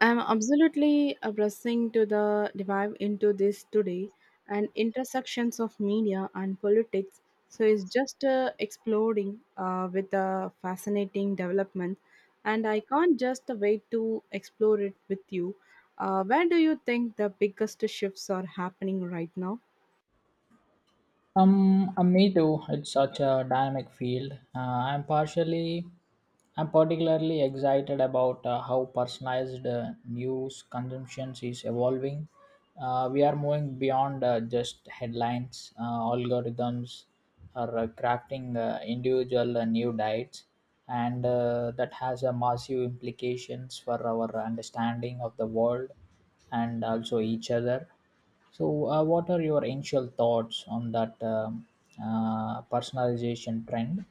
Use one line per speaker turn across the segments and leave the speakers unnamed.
I'm absolutely pressing to the dive into this today and intersections of media and politics. So it's just exploding with a fascinating development, and I can't just wait to explore it with you. Where do you think the biggest shifts are happening right now?
Me too. It's such a dynamic field. I'm particularly excited about how personalized news consumption is evolving. We are moving beyond just headlines. Algorithms are crafting individual new diets, and that has a massive implications for our understanding of the world and also each other. So, what are your initial thoughts on that personalization trend?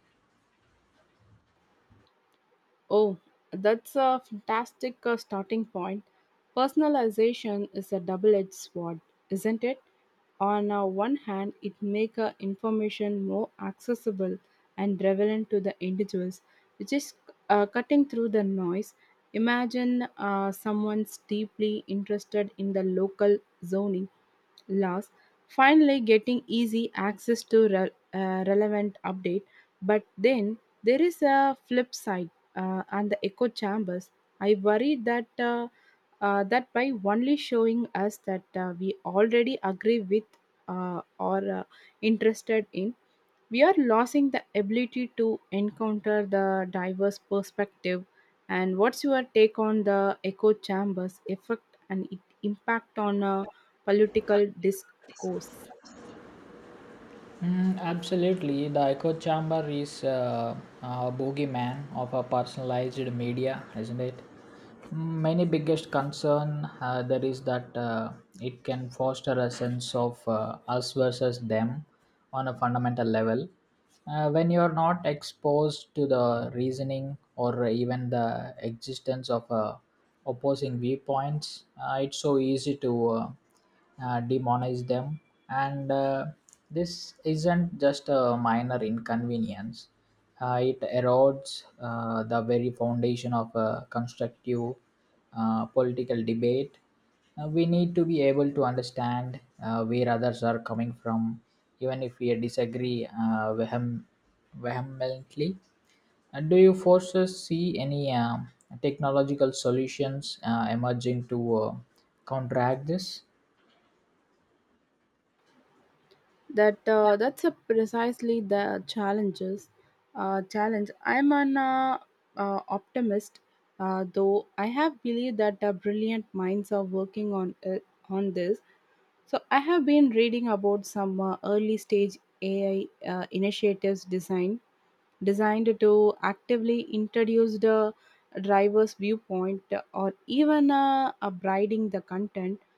Oh, that's a fantastic starting point. Personalization is a double-edged sword, isn't it? On one hand, it makes information more accessible and relevant to the individuals, which is cutting through the noise. Imagine someone's deeply interested in the local zoning laws, finally getting easy access to relevant update. But then there is a flip side and the echo chambers. I worry that that by only showing us that we already agree with or interested in we are losing the ability to encounter the diverse perspective. And what's your take on the echo chambers effect and its impact on political discourse?
Mm, absolutely. The echo chamber is a boogeyman of a personalized media, isn't it? Many biggest concern there is that it can foster a sense of us versus them on a fundamental level. When you are not exposed to the reasoning or even the existence of opposing viewpoints, it's so easy to demonize them and this isn't just a minor inconvenience, it erodes the very foundation of a constructive political debate. We need to be able to understand where others are coming from even if we disagree vehemently. Do you forces see any technological solutions emerging to uh, counteract this.
That's a precisely the challenges challenge I'm an optimist though I have believed that brilliant minds are working on this. So I have been reading about some early stage AI initiatives designed to actively introduce the driver's viewpoint or even upgrading the content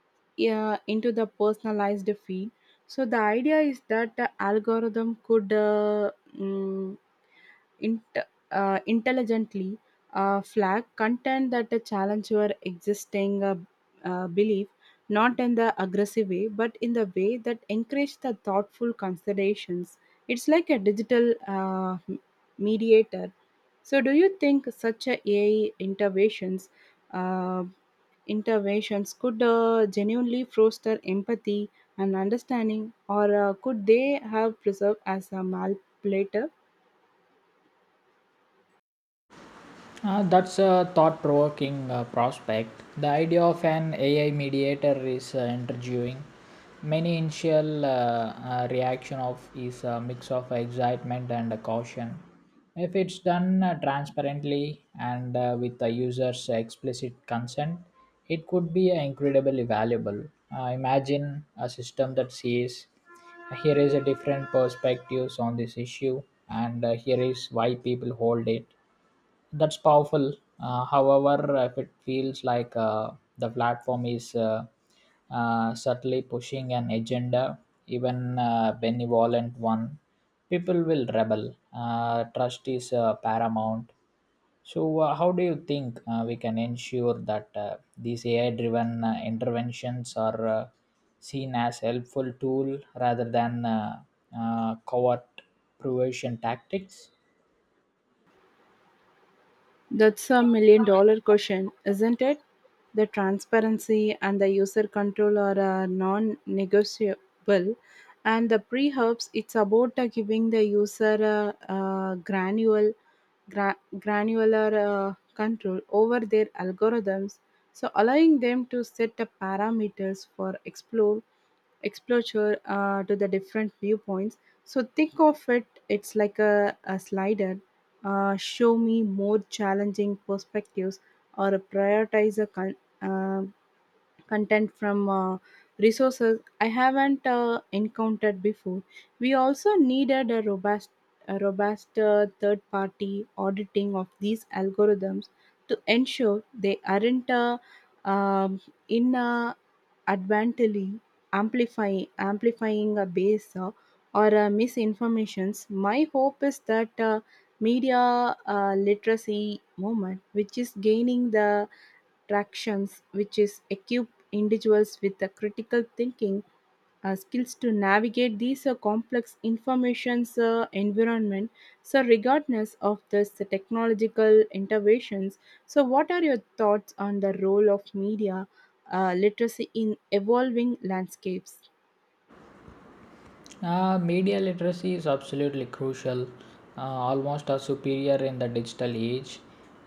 into the personalized feed. So the idea is that the algorithm could mm, int- intelligently flag content that challenge your existing belief, not in the aggressive way, but in the way that encourage the thoughtful considerations. It's like a digital mediator. So, do you think such a AI interventions uh, interventions could genuinely foster empathy and understanding, or could they have preserved as a manipulator?
That's a thought provoking prospect. The idea of an AI mediator is intriguing. Many initial reaction of is a mix of excitement and caution. If it's done transparently and with the user's explicit consent, it could be incredibly valuable. Imagine a system that says, "Here is a different perspectives on this issue, and here is why people hold it." That's powerful. However, if it feels like the platform is subtly pushing an agenda, even a benevolent one, people will rebel. Trust is paramount. So, how do you think we can ensure that these AI driven interventions are seen as helpful tool rather than covert provision tactics?
That's a million dollar question, isn't it? The transparency and the user control are non negotiable. And the pre herbs, it's about giving the user granular control over their algorithms. So, allowing them to set the parameters for explore exposure to the different viewpoints. So think of it, it's like a slider. Uh, show me more challenging perspectives or prioritize uh, content from resources I haven't encountered before. We also needed a robust third party auditing of these algorithms to ensure they aren't um, advantageously amplifying a base or misinformations. My hope is that media literacy movement, which is gaining the tractions, which is equip individuals with the critical thinking skills to navigate these complex informations environment, so regardless of this technological interventions, so what are your thoughts on the role of media literacy in evolving landscapes?
Media literacy is absolutely crucial, almost a superior in the digital age.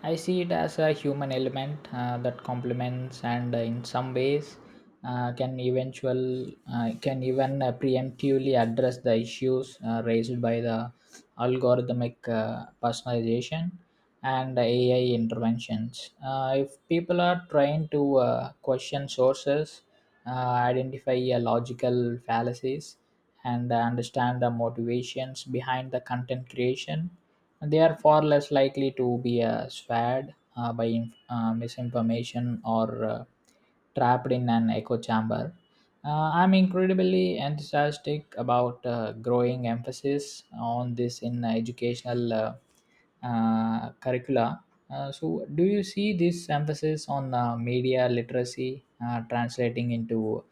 I see it as a human element that complements and, in some ways, can even preemptively address the issues raised by the algorithmic personalization and AI interventions. If people are trying to question sources, uh, identify logical fallacies and understand the motivations behind the content creation, they are far less likely to be swayed by misinformation or trapped in an echo chamber. I'm incredibly enthusiastic about growing emphasis on this in educational curricula. So, do you see this emphasis on media literacy translating into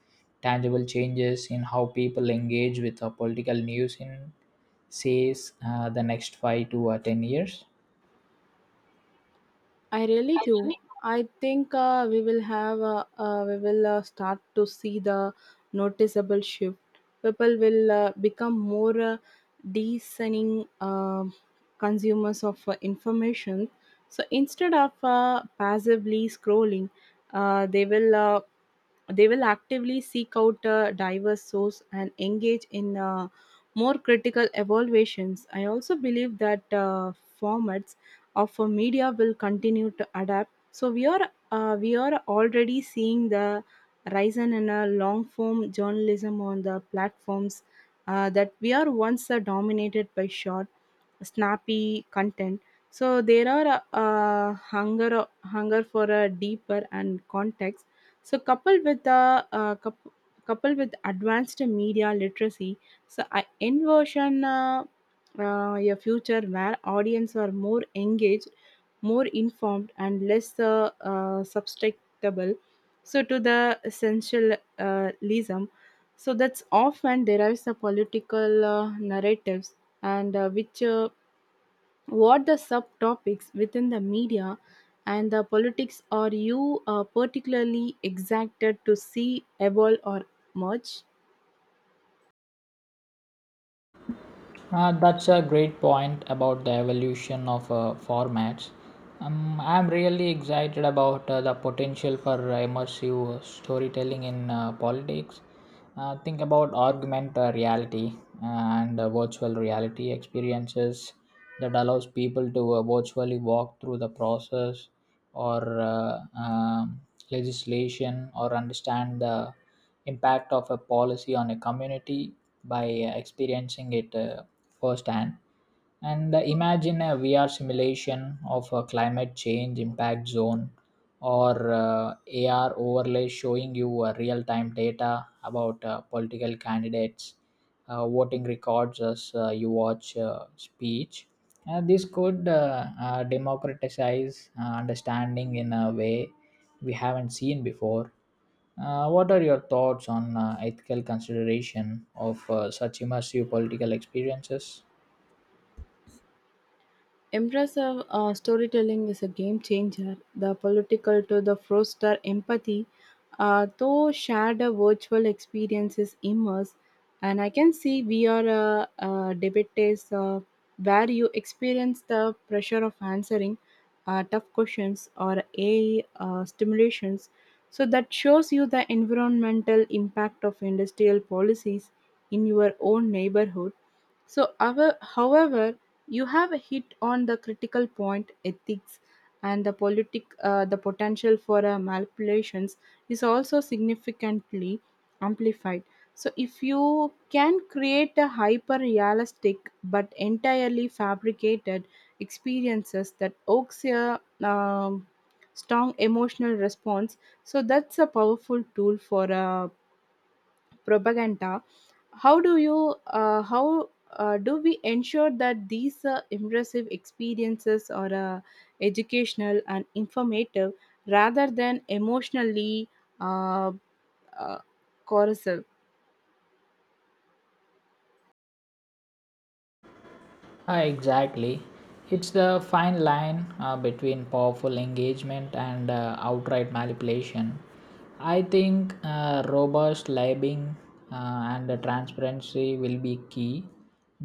tangible changes in how people engage with political news in, says, the next 5 to 10 years?
I really do. I think we will have we will start to see the noticeable shift. People will become more discerning consumers of information. So instead of passively scrolling, uh, they will uh, they will actively seek out a diverse source and engage in more critical evaluations. I also believe that formats of media will continue to adapt. So we are already seeing the rise in a long form journalism on the platforms that we are once dominated by short snappy content. So there are hunger for a deeper and context. So coupled with advanced media literacy, so I envision a future where audience are more engaged, more informed, and less susceptible so to the essentialism. So that's often derives the political narratives and which what the subtopics within the media and the politics are you particularly excited to see evolve or merge?
That's a great point about the evolution of formats. I'm really excited about the potential for immersive storytelling in politics. Think about augmented reality and virtual reality experiences that allows people to virtually walk through the process or legislation or understand the impact of a policy on a community by experiencing it firsthand. And imagine a VR simulation of a climate change impact zone or AR overlay showing you real time data about political candidates, voting records as you watch speech. This could democratize understanding in a way we haven't seen before. What are your thoughts on ethical consideration of such immersive political experiences?
Impressive storytelling is a game changer. The political to the froster empathy, though shared a virtual experiences immerse, and I can see we are a debate is where you experience the pressure of answering tough questions or AI stimulations. So that shows you the environmental impact of industrial policies in your own neighborhood. So, our, however, you have hit on the critical point. Ethics and the politic, the potential for manipulations is also significantly amplified. So, if you can create a hyper-realistic but entirely fabricated experiences that evokes a strong emotional response, so that's a powerful tool for propaganda. How do you how do we ensure that these immersive experiences are educational and informative rather than emotionally uh, uh, corrosive?
Ah, exactly. It's the fine line between powerful engagement and outright manipulation. I think robust labeling and the transparency will be key,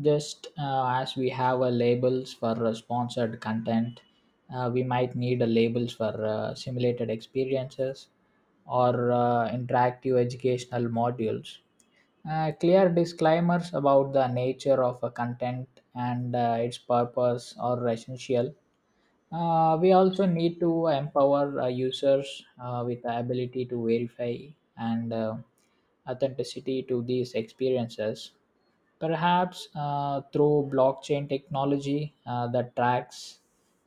just as we have a labels for sponsored content. We might need a labels for simulated experiences or interactive educational modules, clear disclaimers about the nature of a content and its purpose are essential. We also need to empower users with the ability to verify and authenticity to these experiences. Perhaps through blockchain technology that tracks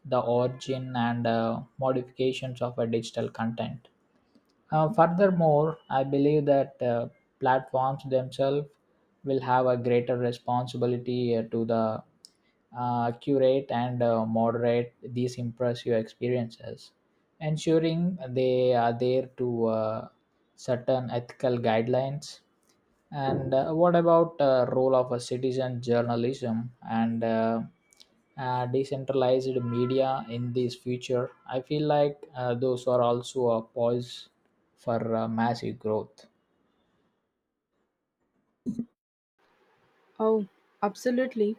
the origin and modifications of a digital content. Furthermore, I believe that platforms themselves will have a greater responsibility to the curate and moderate these impressive experiences, ensuring they are there to certain ethical guidelines. And what about role of a citizen journalism and decentralized media in this future? I feel like those are also a pause for massive growth.
Oh, absolutely.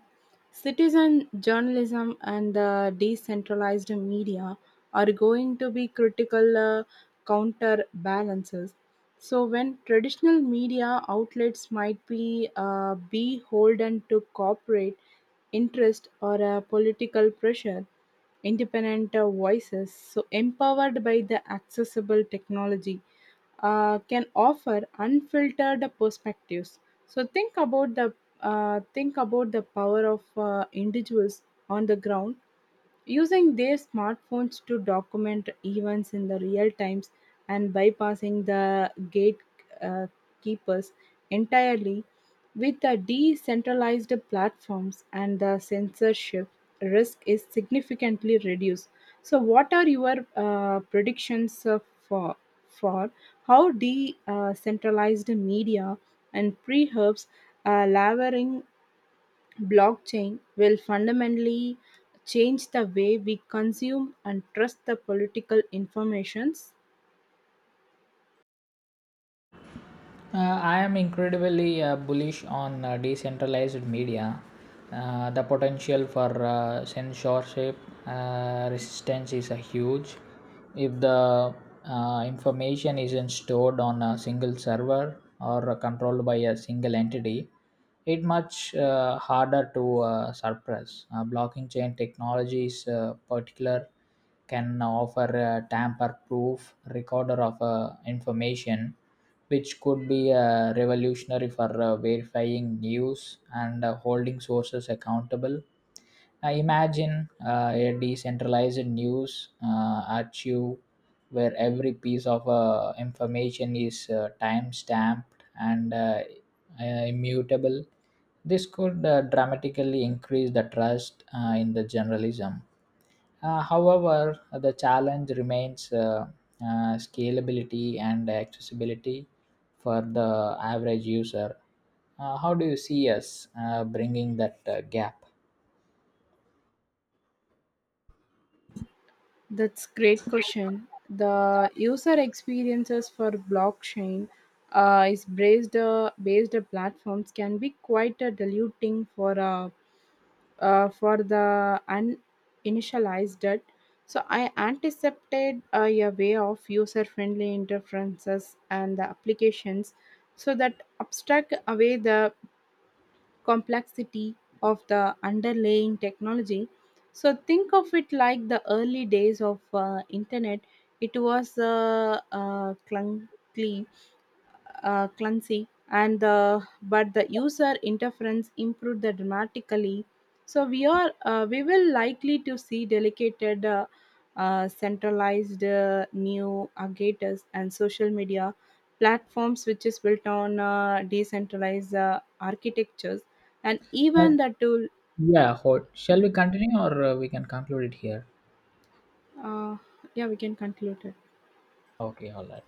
Citizen journalism and the decentralized media are going to be critical counterbalances. So, when traditional media outlets might be beholden to corporate interest or a political pressure, independent voices, so empowered by the accessible technology, can offer unfiltered perspectives. So think about the power of individuals on the ground using their smartphones to document events in the real times and bypassing the gatekeepers entirely. With the decentralized platforms and the censorship risk is significantly reduced, so what are your predictions for for how decentralized media and pre-herbs leveraging blockchain will fundamentally change the way we consume and trust the political informations?
Uh, I am incredibly bullish on decentralized media. The potential for censorship resistance is huge. If the information isn't stored on a single server or controlled by a single entity, it much harder to suppress. Blockchain technology is particular can offer a tamper proof recorder of information, which could be revolutionary for verifying news and holding sources accountable. I imagine a decentralized news archive where every piece of information is time stamped and uh, immutable. This could dramatically increase the trust in the journalism. However, the challenge remains scalability and accessibility for the average user. How do you see us bringing that gap?
That's great question. The user experiences for blockchain is based based platforms can be quite diluting for the uninitialized that. So I anticipated a way of user friendly interferences and the applications so that abstract away the complexity of the underlying technology. So think of it like the early days of internet. It was clunky, clumsy and the but the user interference improved the dramatically. So we will likely to see delegated centralized new aggregators and social media platforms which is built on decentralized architectures and
Uh,
even the tool.
yeah, hold. Shall we continue or we can conclude it here?
uh, yeah, we can conclude it.
Okay, all right.